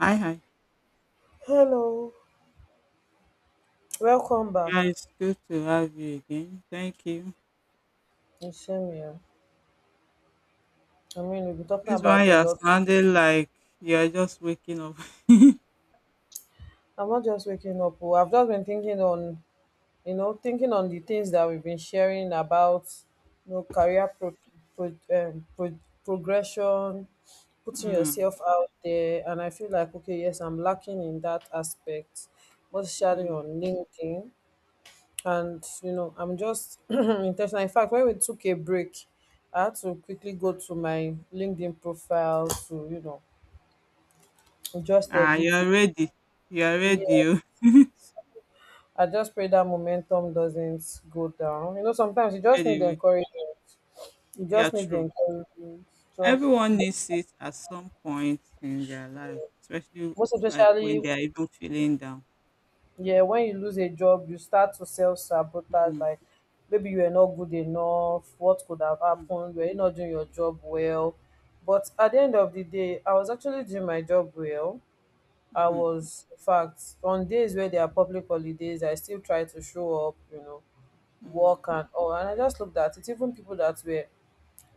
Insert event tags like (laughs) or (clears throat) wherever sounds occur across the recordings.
Hi, hi. Hello, welcome back. Yeah, it's good to have you again. Thank you. It's same here. I mean, we've been talking This one about a you're lot. sounding like you're just waking up. I'm not just waking up. Oh, I've just been thinking on, thinking on the things that we've been sharing about, you know, career pro- progression, (laughs) putting mm, yourself out there. And I feel like, okay, yes, I'm lacking in that aspect, most especially on mm. LinkedIn. And I'm just (clears throat) intentional. In fact, when we took a break I had to quickly go to my LinkedIn profile to just Ah, edit it. you're ready. You're Yeah, ready. Oh. I just pray that momentum doesn't go down. Sometimes you (laughs) just need the Ready. encouragement, you Yeah, just need the true. encouragement, just Everyone needs it at some point in their life, especially most when especially. they are even feeling down. Yeah, when you lose a job you start to self sabotage, Mm, like maybe you were not good enough. What could have mm, happened? Were you not doing your job well? But at the end of the day I was actually doing my job well. I mm, was, in fact, on days where there are public holidays I still try to show up, mm, work and all. And I just looked at it. Even people that were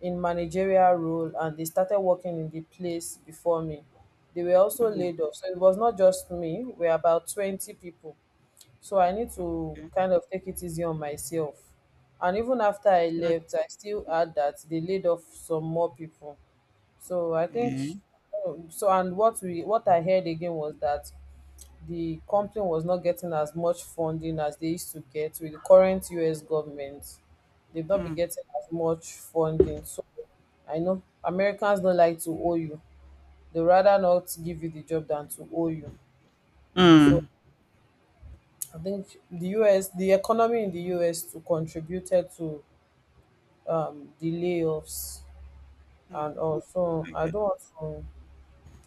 in managerial role and they started working in the place before me, they were also mm. laid off. So it was not just me. We are about 20 people, so I need to Okay. kind of take it easy on myself. And even after I Actually, left, I still had that they laid off some more people. So I think eh, so. And what I heard again was that the company was not getting as much funding as they used to get with the current U.S. government. They've not been Mm, getting as much funding. So I know Americans don't like to owe you. They rather not give you the job than to owe you. So mm, I think the US, the economy in the US too contributed to the layoffs, mm. and also I Okay. don't want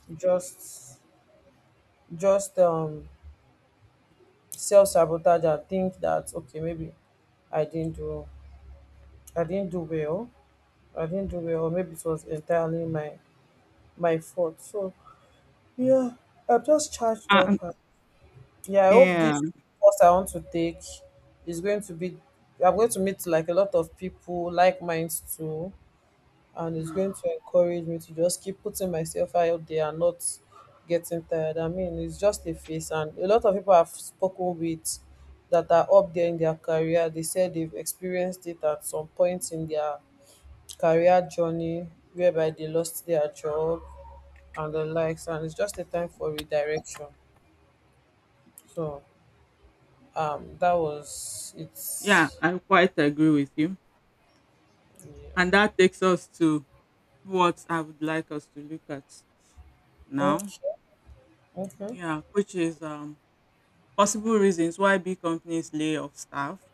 to just self sabotage and think that okay maybe I didn't do I didn't do well I didn't do well, or maybe it was entirely my fault. So yeah, I'm just charged Uh, up. And- yeah, I hope yeah. this course I want to take is going to be— I'm going to meet like a lot of people, like minds too, and it's Hmm. going to encourage me to just keep putting myself out there and not getting tired. I mean, it's just a phase, and a lot of people I've spoken with that are up there in their career, they said they've experienced it at some point in their career journey whereby they lost their job and the likes, and it's just a time for redirection. So, that was— Yeah, it's I quite agree with you. yeah. And that takes us to what I would like us to look at now. Okay. Yeah, which is possible reasons why big companies lay off staff,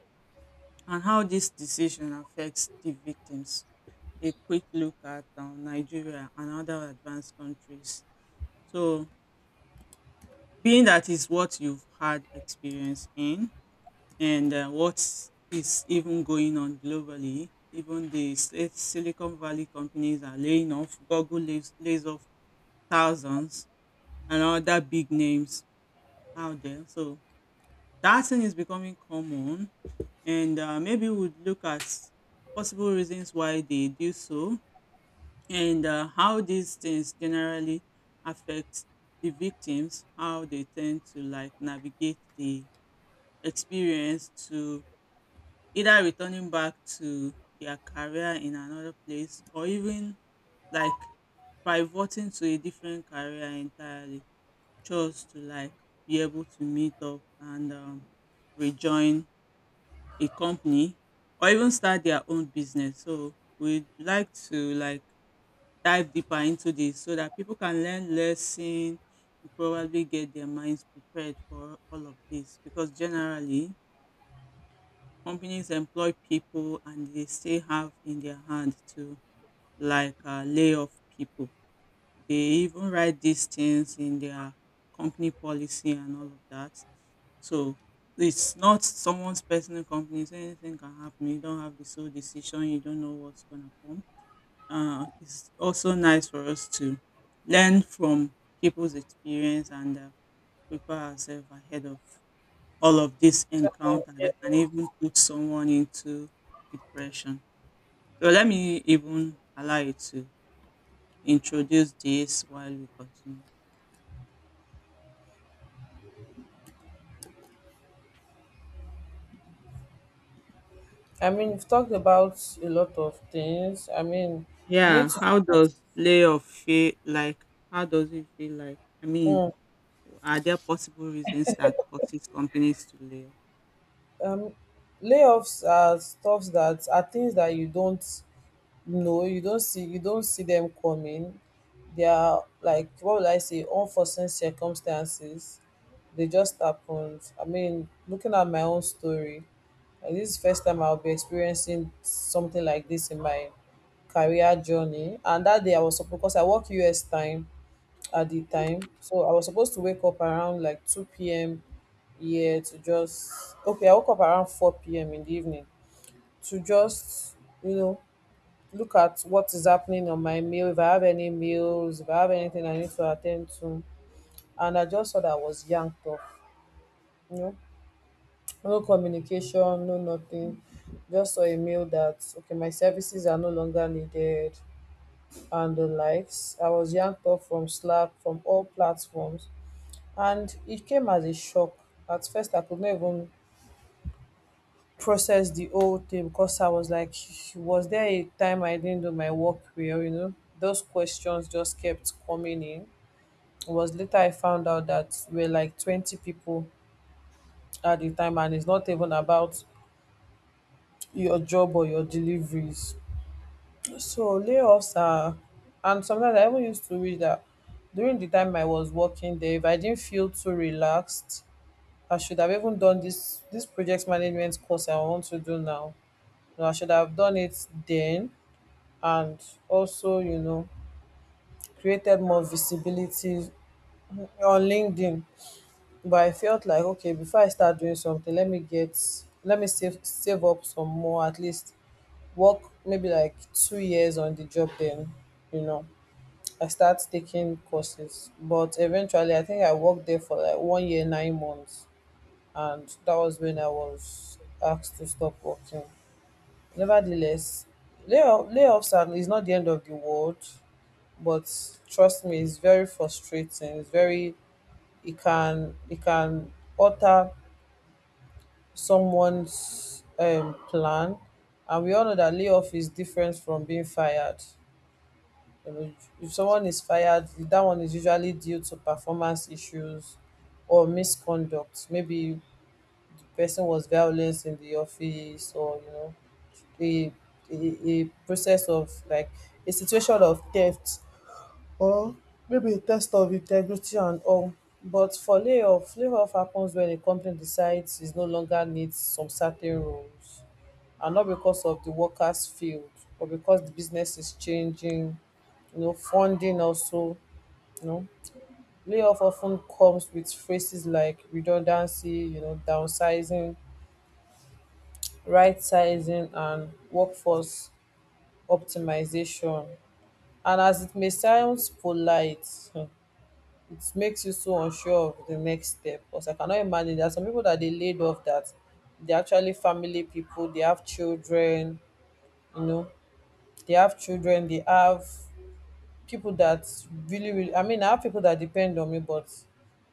and how this decision affects the victims. A quick look at Nigeria and other advanced countries. So, being that is what you've had experience in, and what is even going on globally, even the Silicon Valley companies are laying off, Google lays off thousands and other big names out there. So that thing is becoming common, and maybe we'd look at possible reasons why they do so, and how these things generally affect the victims, how they tend to like navigate the experience to either returning back to their career in another place, or even like pivoting to a different career entirely. Chose to like be able to meet up and rejoin a company or even start their own business. So we'd like to like dive deeper into this so that people can learn lesson and probably get their minds prepared for all of this, because generally companies employ people and they still have in their hand to like lay off people. They even write these things in their company policy and all of that. So it's not someone's personal company, so anything can happen. You don't have the sole decision, you don't know what's gonna come. It's also nice for us to learn from people's experience and prepare ourselves ahead of all of this encounter Okay. that can even put someone into depression. So let me even allow you to introduce this while we continue. I mean, you've talked about a lot of things. I mean, you need Yeah, to how does layoff feel like? How does it feel like? I mean, mm, are there possible reasons that causes companies to lay off? um, layoffs are stuff that are things that you don't know, you don't see them coming. They are like, what would I say, unforeseen circumstances. They just happened. I mean, looking at my own story, this is the first time I'll be experiencing something like this in my career journey. And that day I was supposed, because I work US time at the time. So I was supposed to wake up around like 2 p.m. here to just— okay, I woke up around 4 p.m. in the evening to just, you know, look at what is happening on my mail, if I have any mails, if I have anything I need to attend to. And I just saw that I was yanked off, you know, no communication, no nothing. Just saw a mail that, okay, my services are no longer needed and the likes. I was yanked off from Slack, from all platforms. And it came as a shock. At first, I could not even process the whole thing because I was like, was there a time I didn't do my work well? You know, those questions just kept coming in. It was later I found out that we're like 20 people at the time, and it's not even about your job or your deliveries. So layoffs are— and sometimes I even used to read that during the time I was working there, if I didn't feel too relaxed, I should have even done this project management course I want to do now. You know, I should have done it then, and also, you know, created more visibility on LinkedIn. But I felt like, okay, before I start doing something, let me save up some more, at least work maybe like 2 years on the job, then you know I start taking courses. But eventually I think I worked there for like 1 year 9 months, and that was when I was asked to stop working. Nevertheless, is not the end of the world, but trust me, it's very frustrating. It's very— it can alter someone's plan, and we all know that layoff is different from being fired. You know, if someone is fired, that one is usually due to performance issues or misconduct. Maybe person was violence in the office, or you know a a process of like a situation of theft, or maybe a test of integrity and all. But for layoff, layoff happens when a company decides it no longer needs some certain roles, and not because of the workers field, but because the business is changing. You know, funding also. You know, layoff often comes with phrases like redundancy, you know, downsizing, right-sizing and workforce optimization. And as it may sound polite, it makes you so unsure of the next step. Because I cannot imagine there are some people that they laid off that they're actually family people. They have children, you know, they have people that really— I mean, I have people that depend on me, but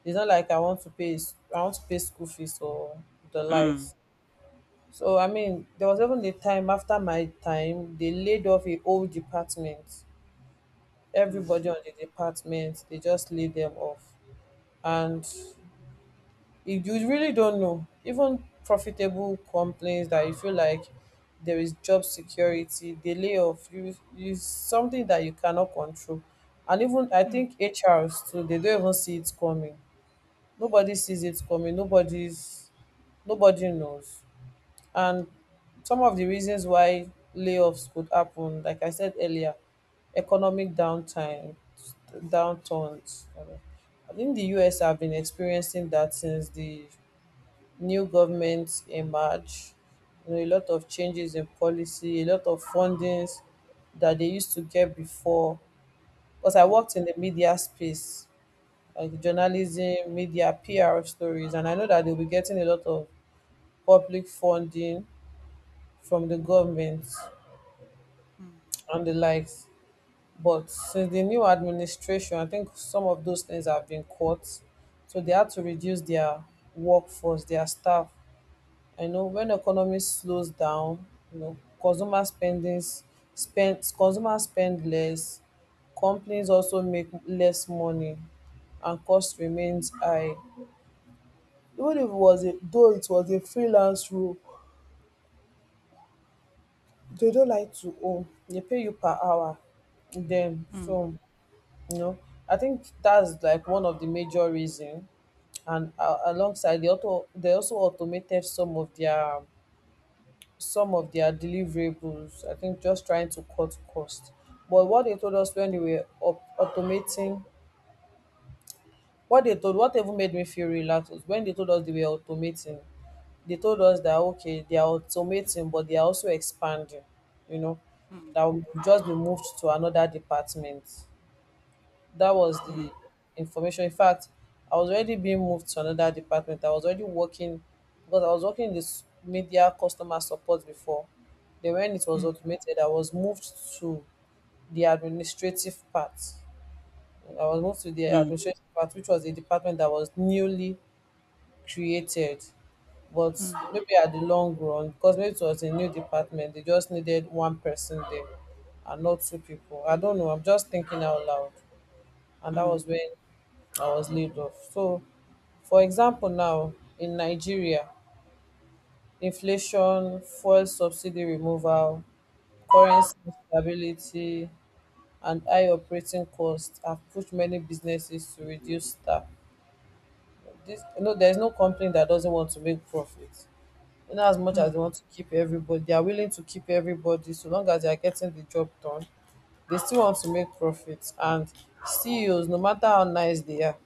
it's not like I want to pay school fees or the Mm. likes. So I mean, there was even a time after my time, they laid off a whole department. Everybody Mm. on the department, they just laid them off. And if you really don't know, even profitable companies that you feel like there is job security, they lay off— you is something that you cannot control. And even I think HRs too, they don't even see it coming. Nobody sees it coming. Nobody knows. And some of the reasons why layoffs could happen, like I said earlier, economic downturns. I think the US have been experiencing that since the new government emerged. You know, a lot of changes in policy, a lot of fundings that they used to get before. Because I Mm. worked in the media space, like Mm. journalism, media, PR stories, and I know that they'll be getting a lot of public funding from the government and the likes. But since the new administration, I think some of those things have been cut. So they had to reduce their workforce, their staff. I know when economy slows down, you know, consumer spending spend consumer spend less, companies also make less money and cost remains high. Even if it was a— though it was a freelance role, they don't like to own. They pay you per hour. Then Mm. so you know I think that's like one of the major reason. And alongside, they also automated some of their deliverables. I think just trying to cut cost. But what they told us when they were automating— what they told— what even made me feel relaxed was when they told us they were automating, they told us that okay, they are automating, but they are also expanding. You know, Mm. that will just be moved to another department. That was Mm. the information. In fact, I was already being moved to another department. I was already working, because I was working in this media customer support before. Then when it was Mm. automated, I was moved to the administrative part. I was moved to the Mm. administrative part, which was a department that was newly created. But Mm. maybe at the long run, because maybe it was a new department, they just needed one person there and not two people. I don't know, I'm just thinking out loud. And that Mm. was when I was laid off. So, for example, now in Nigeria, inflation, fuel subsidy removal, currency instability, and high operating costs have pushed many businesses to reduce staff. There's no company that doesn't want to make profit. In as much Mm. Mm. as they Mm. want to keep everybody, they are willing to keep everybody so long as they are getting the job done, they still want to make profits. And CEOs, no matter how nice they are,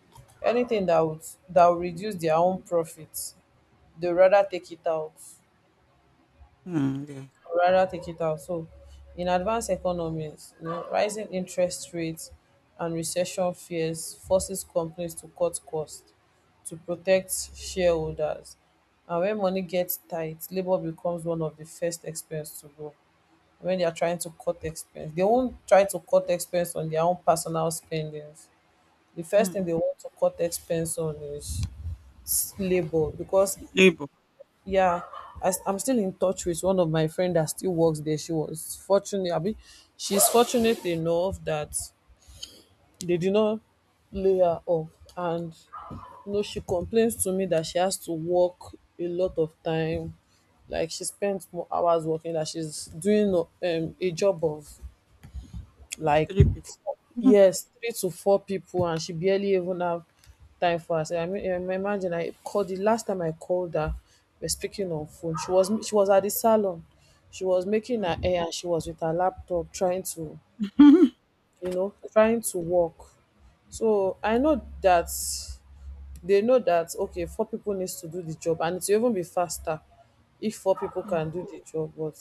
anything that will reduce their own profits, they rather take it out, Mm. Yeah. So, in advanced economies, rising interest rates and recession fears forces companies to cut costs to protect shareholders. And when money gets tight, labor becomes one of the first expense to go. When they are trying to cut expense, they won't try to cut expense on their own personal spendings. The first thing Mm. they want to cut expense on is labor because. Labor, Yeah, I'm still in touch with one of my friend that still works there. She was fortunate. I mean, she's fortunate enough that they did not lay her off. And she complains to me that she has to work a lot of time, like she spends more hours working that she's doing a job of, like. three people. Mhm. Yes, 3 to 4 people, and she barely even have time for herself. I mean, im imagine, I called the last time I called her, we're speaking on phone. She was at the salon. She was making Mm. her hair and she was with her laptop trying to, (laughs) you know, trying to work. So, I know that they know that, okay, 4 people needs to do the job and it will even be faster if 4 people Mm. can do the job, but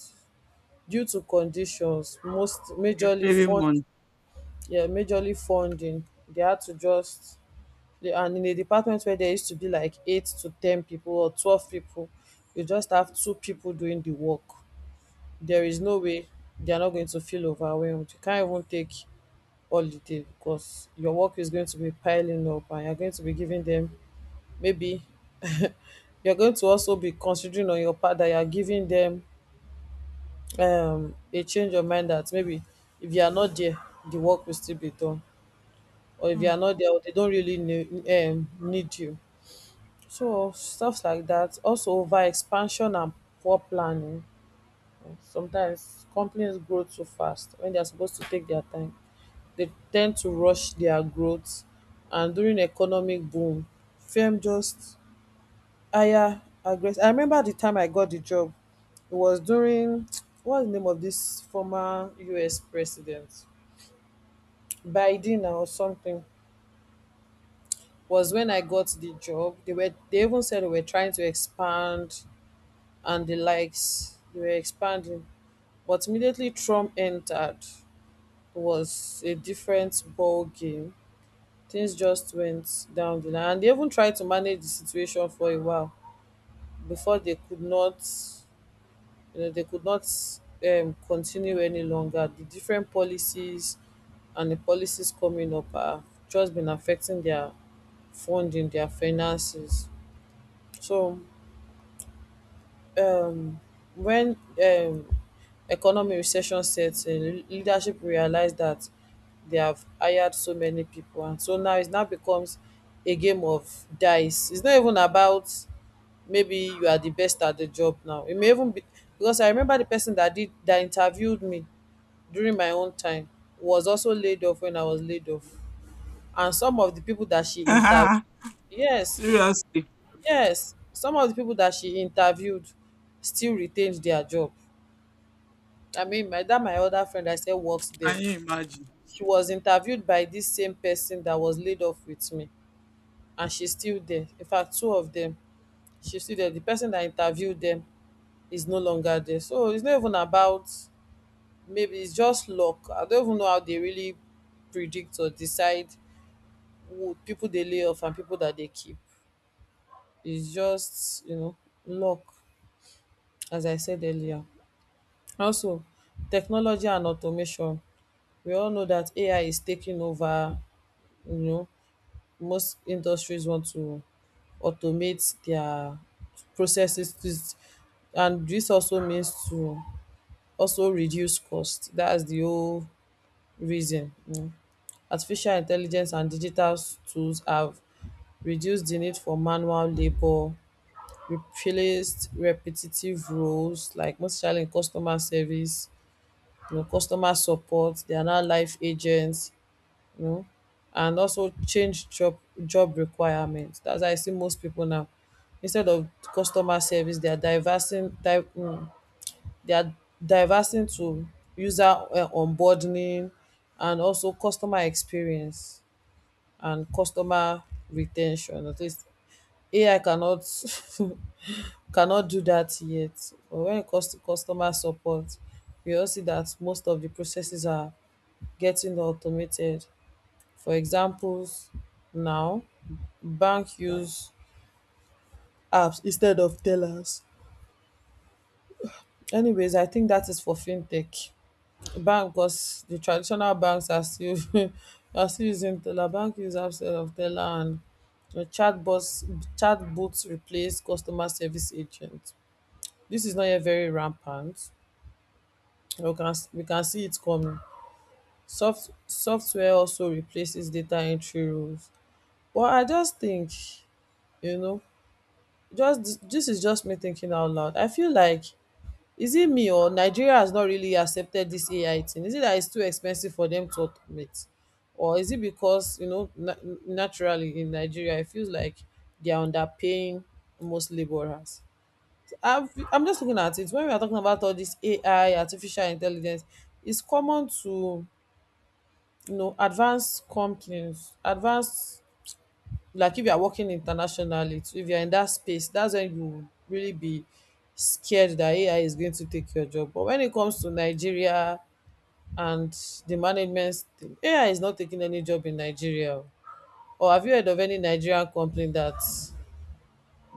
due to conditions, most You're majorly saving fun money. yeah, majorly funding. They had to just, and in a department where there used to be like eight to ten people or 12 people, you just have two people doing the work. There is Mm. no way they are not going to feel overwhelmed. You can't even take holiday because your work is going to be piling up and you're going to be giving them maybe. (laughs) you're going to also be considering on your part that you're giving them a change of mind that maybe if you are not there the work will still be done. Or if you are Mm. not there, or they don't really need, need you. So stuff like that. Also over expansion and poor planning. Sometimes companies grow too fast when they are supposed to take their time. They tend to rush their growth, and during economic boom, firm just hire aggressive. I remember the time I got the job. It was during, (tsk) what's the name of this former US president? Biden or something. Was when I got the job. They even said they were trying to expand and the likes. They were expanding. But immediately Trump entered, it was a different ball game. Things just went down the line. And they even tried to manage the situation for a while before they could not you know they could not continue any longer. The different policies and the policies coming up have just been affecting their funding, their finances. So, um when um economic recession sets in, leadership realised that they have hired so many people and so now it now becomes a game of dice. It's not even about maybe you are the best at the job. Now it may even be, because I remember the person that interviewed me during my own time was also laid off when I was laid off. And some of the people that she interviewed. (laughs) Yes. Seriously, Yes, some of the people that she interviewed still retained their job. I mean, my other friend I said works there. can you imagine? She was interviewed by this same person that was laid off with me, and she's still there. In fact, two of them, she's still there. The person that interviewed them is no longer there. So it's not even about, maybe it's just luck. I don't even know how they really predict or decide who people they lay off and people that they keep. It's just, you know, luck, as I said earlier. Also, technology and automation. We all know that AI is taking over. You know, most industries want to automate their processes. And this also means to also reduce cost. That's the whole reason, you know. Artificial intelligence and digital tools have reduced the need for manual labour, replaced repetitive roles, like most especially in customer service. You know, customer support, they are now life agents, you know, and also change job requirements. That's how I see most people now. Instead of customer service, they are diversing they are diversing to user onboarding, and also customer experience and customer retention. At least AI cannot (laughs) cannot do that yet. But when it comes to customer support, we all see that most of the processes are getting automated. For examples, now bank use apps instead of tellers. Anyways, I think that is for fintech. Bank, because the traditional banks are still (laughs) are still using teller. Bank use apps instead of teller, and the chatbots replace customer service agents. This is not yet very rampant. We can see it coming. Software also replaces data entry rules. Well, I just think, you know, just this is just me thinking out loud. I feel like, is it me or Nigeria has not really accepted this AI thing? Is it that it's too expensive for them to automate, or is it because naturally in Nigeria it feels like they are underpaying most laborers? I'm just looking at it when we are talking about all this AI, artificial intelligence. It's common to advanced companies, advanced like if you are working internationally too, if you're in that space, that's when you will really be scared that AI is going to take your job. But when it comes to Nigeria and the management thing, AI is not taking any job in Nigeria. Or have you heard of any Nigerian company that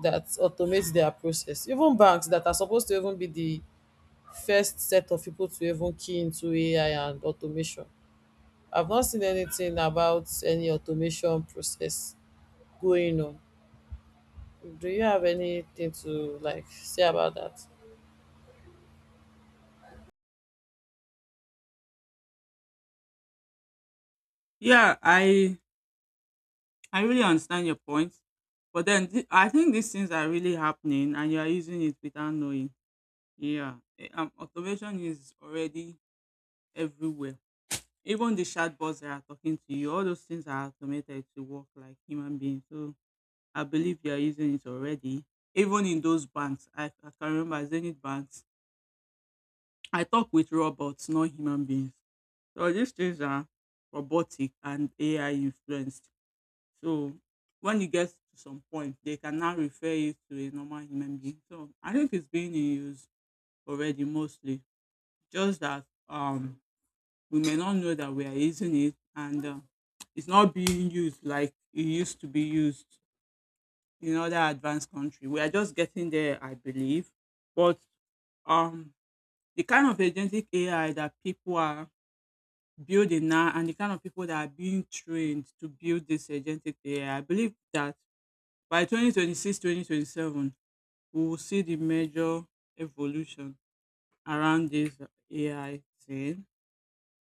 that automates their process? Even banks that are supposed to even be the first set of people to even key into AI and automation. I've not seen anything about any automation process going on. Do you have anything to, like, say about that? Yeah, I really understand your point, but then I think these things are really happening, and you are using it without knowing. Yeah, automation is already everywhere. Even the chatbots that are talking to you, all those things are automated to work like human beings. So I believe you are using it already. Even in those banks, I can remember Zenith banks. I talk with robots, not human beings. So these things are robotic and AI influenced. So when it gets to some point, they can now refer you to a normal human being. So I think it's being in use already mostly. Just that we may not know that we are using it, and it's not being used like it used to be used in other advanced country. We are just getting there, I believe. But um the kind of agentic AI that people are building now, and the kind of people that are being trained to build this agentic AI, I believe that by 2026-2027, we will see the major evolution around this AI thing,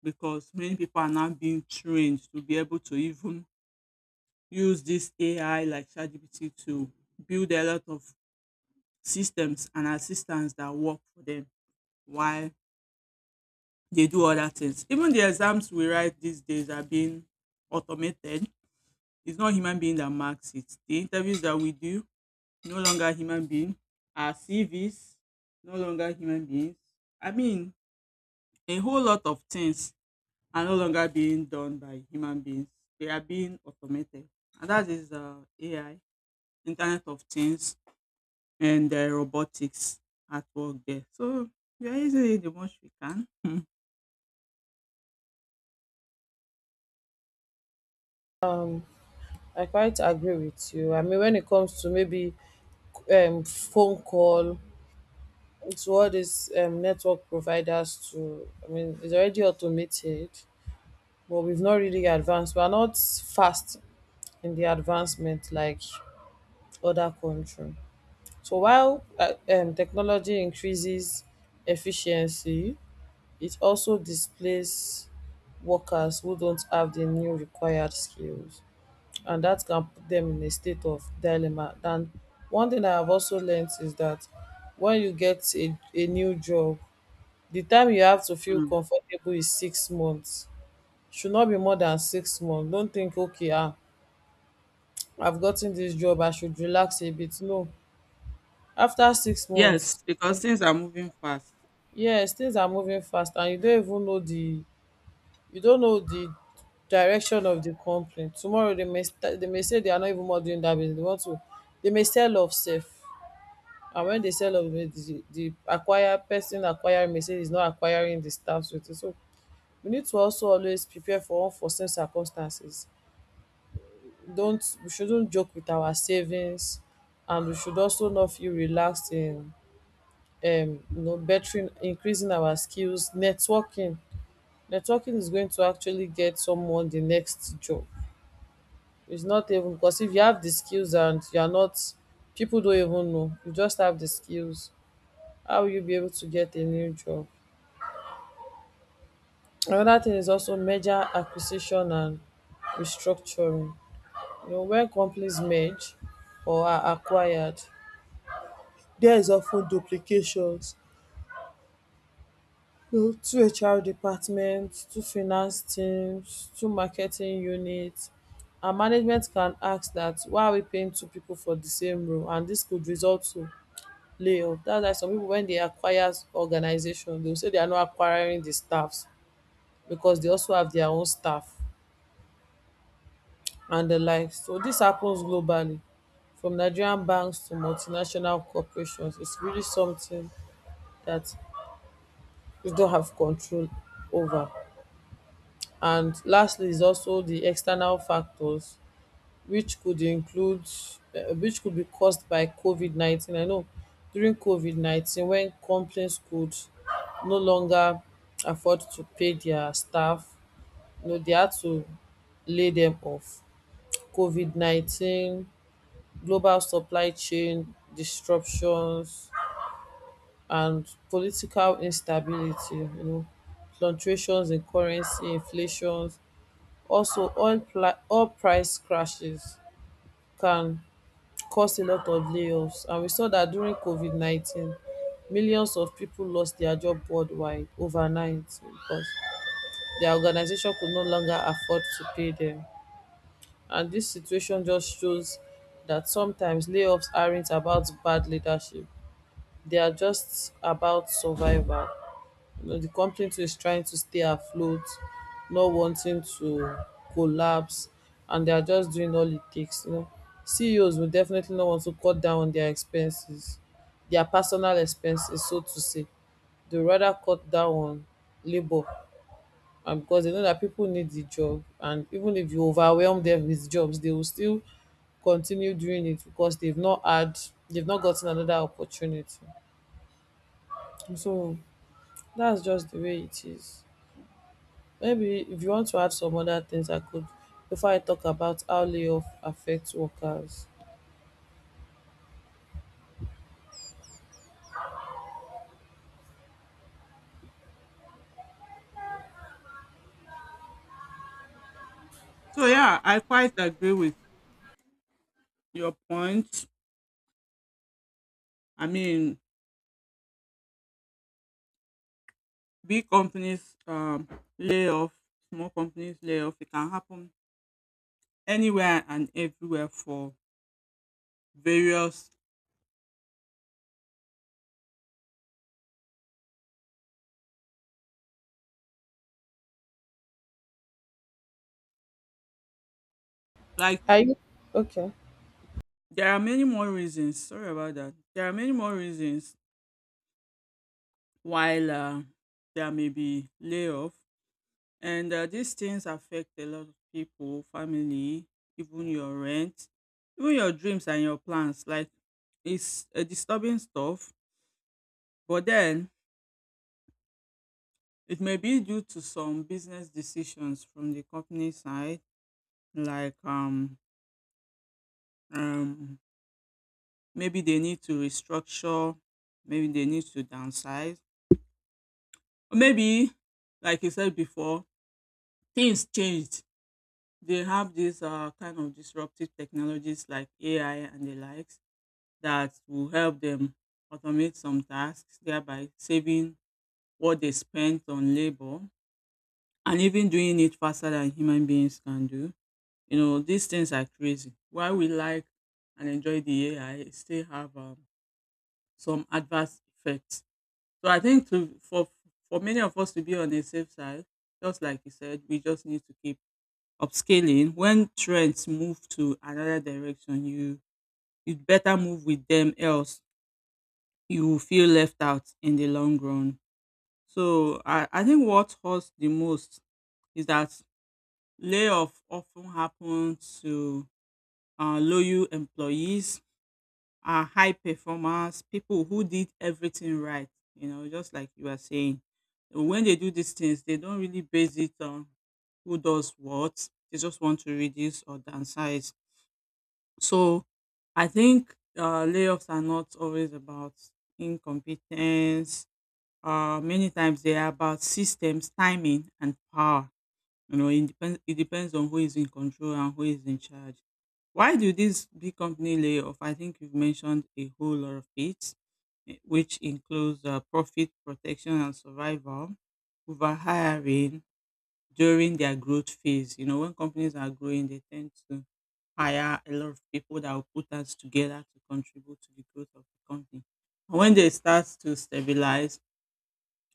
because many people are now being trained to be able to even use this AI like ChatGPT to build a lot of systems and assistants that work for them while they do other things. Even the exams we write these days are being automated. It's not human being that marks it. The interviews that we do no longer human being, our CVs, no longer human beings. I mean, a whole lot of things are no longer being done by human beings. They are being automated. And that is AI, Internet of Things, and robotics at work there. So we are using it the most we can. (laughs) I quite agree with you. I mean, when it comes to maybe phone call to all these network providers, to I mean, it's already automated, but we've not really advanced. We are not fast in the advancement like other country. So, while technology increases efficiency, it also displays workers who don't have the new required skills. And that can put them in a state of dilemma. And one thing I have also learned is that when you get a new job, the time you have to feel Mm. comfortable is 6 months. Should not be more than 6 months. Don't think, okay, ah, I've gotten this job, I should relax a bit. No. After 6 months, Yes, because things are moving fast. yes, things are moving fast, and you don't even know the you don't know the direction of the company. Tomorrow they may say they are not even more doing that business. They want to they may sell off safe. And when they sell off the acquire person acquiring may say he's not acquiring the staffs with it. So we need to also always prepare for unforeseen circumstances. Don't we shouldn't joke with our savings, and we should also not feel relaxed in bettering increasing our skills, networking. Networking is going to actually get someone the next job. It's not even, because if you have the skills and you are not, people don't even know, you just have the skills, how will you be able to get a new job? Another thing is also merger, acquisition, and restructuring. You know, when companies merge or are acquired, there is often duplications. You know, two HR departments, two finance teams, two marketing units, and management can ask that, why are we paying two people for the same role? And this could result to layoff. That's why some people when they acquire organization, they'll say they are not acquiring the staffs because they also have their own staff. And the like. So this happens globally, from Nigerian banks to multinational corporations. It's really something that we don't have control over. And lastly is also the external factors, which could include which could be caused by COVID-19. I know during COVID-19, when companies could no longer afford to pay their staff, you know, they had to lay them off. COVID-19, global supply chain disruptions, and political instability, you know, fluctuations in currency inflations, also oil price crashes can cause a lot of layoffs, and we saw that during COVID-19 millions of people lost their job worldwide overnight because their organization could no longer afford to pay them. And this situation just shows that sometimes layoffs aren't about bad leadership, they are just about survival. You know, the company too is trying to stay afloat, not wanting to collapse, and they are just doing all it takes. You know, CEOs will definitely not want to cut down on their expenses, their personal expenses, so to say. They rather cut down on labor, and because they know that people need the job, and even if you overwhelm them with jobs, they will still continue doing it because they've not gotten another opportunity. So that's just the way it is. Maybe, if you want to add some other things I could, before I talk about how layoff affects workers. So yeah, I quite agree with your point. I mean, big companies lay off, small companies lay off. It can happen anywhere and everywhere for various, like, Are you okay? there are many more reasons. Sorry about that. There are many more reasons while there may be layoff. And these things affect a lot of people, family, even your rent, even your dreams and your plans. Like, it's a disturbing stuff. But then it may be due to some business decisions from the company side, like um maybe they need to restructure, maybe they need to downsize, or maybe like you said before, things changed. They have these kind of disruptive technologies like AI and the likes, that will help them automate some tasks, thereby saving what they spent on labor, and even doing it faster than human beings can do. You know, these things are crazy. Why we like and enjoy the AI still have some adverse effects. So I think to for many of us to be on a safe side, just like you said, we just need to keep upscaling. When trends move to another direction, you'd better move with them, else you will feel left out in the long run. So I think what hurts the most is that layoff often happens to low employees are high performers, people who did everything right, you know, just like you are saying. When they do these things, they don't really base it on who does what. They just want to reduce or downsize. So I think layoffs are not always about incompetence. Many times they are about systems, timing, and power. You know, it depends, it depends on who is in control and who is in charge. Why do these big company lay off? I think you've mentioned a whole lot of it, which includes profit protection and survival, over hiring during their growth phase. You know, when companies are growing, they tend to hire a lot of people that will put us together to contribute to the growth of the company. And when they start to stabilize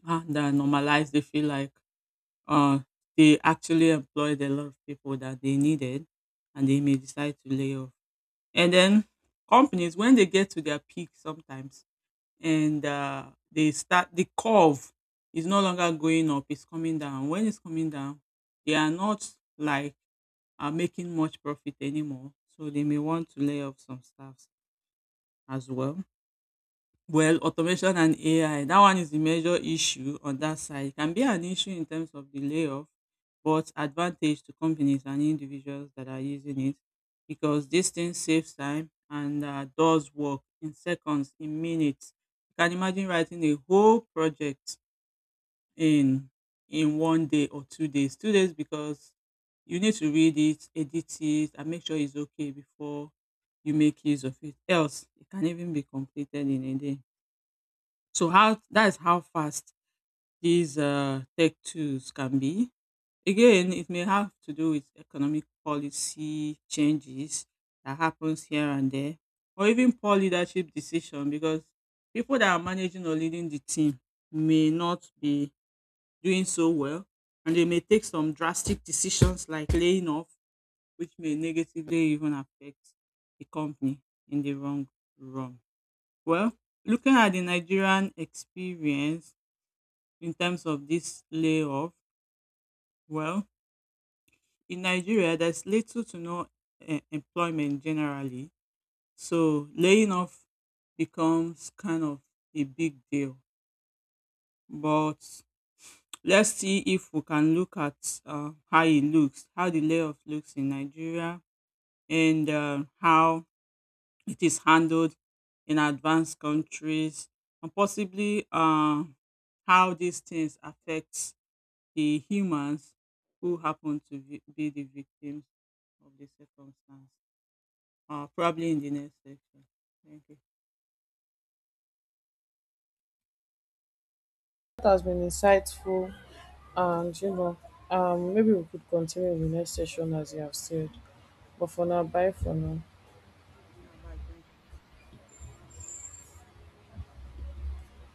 and normalize, they feel like uh, they actually employed a lot of people that they needed, and they may decide to lay off. And then companies, when they get to their peak sometimes, and they start, the curve is no longer going up, it's coming down. When it's coming down, they are not like are making much profit anymore. So they may want to lay off some staffs as well. Well, automation and AI, that one is the major issue on that side. It can be an issue in terms of the layoff, but advantage to companies and individuals that are using it, because this thing saves time and does work in seconds, in minutes. You can imagine writing a whole project in in one day or two days. Two days because you need to read it, edit it, and make sure it's okay before you make use of it. Else, it can even be completed in a day. So how that is how fast these tech tools can be. Again, it may have to do with economic policy changes that happens here and there, or even poor leadership decision, because people that are managing or leading the team may not be doing so well, and they may take some drastic decisions like laying off, which may negatively even affect the company in the wrong run. Well, looking at the Nigerian experience in terms of this layoff? Well, in Nigeria, there's little to no employment generally. So laying off becomes kind of a big deal. But let's see if we can look at how it looks, how the layoff looks in Nigeria, and how it is handled in advanced countries, and possibly how these things affect the humans who happen to be the victims of the circumstance. Probably in the next section. Thank you. That has been insightful, and maybe we could continue in the next session as you have said. But for now, bye for now. Yeah, bye. Thank you.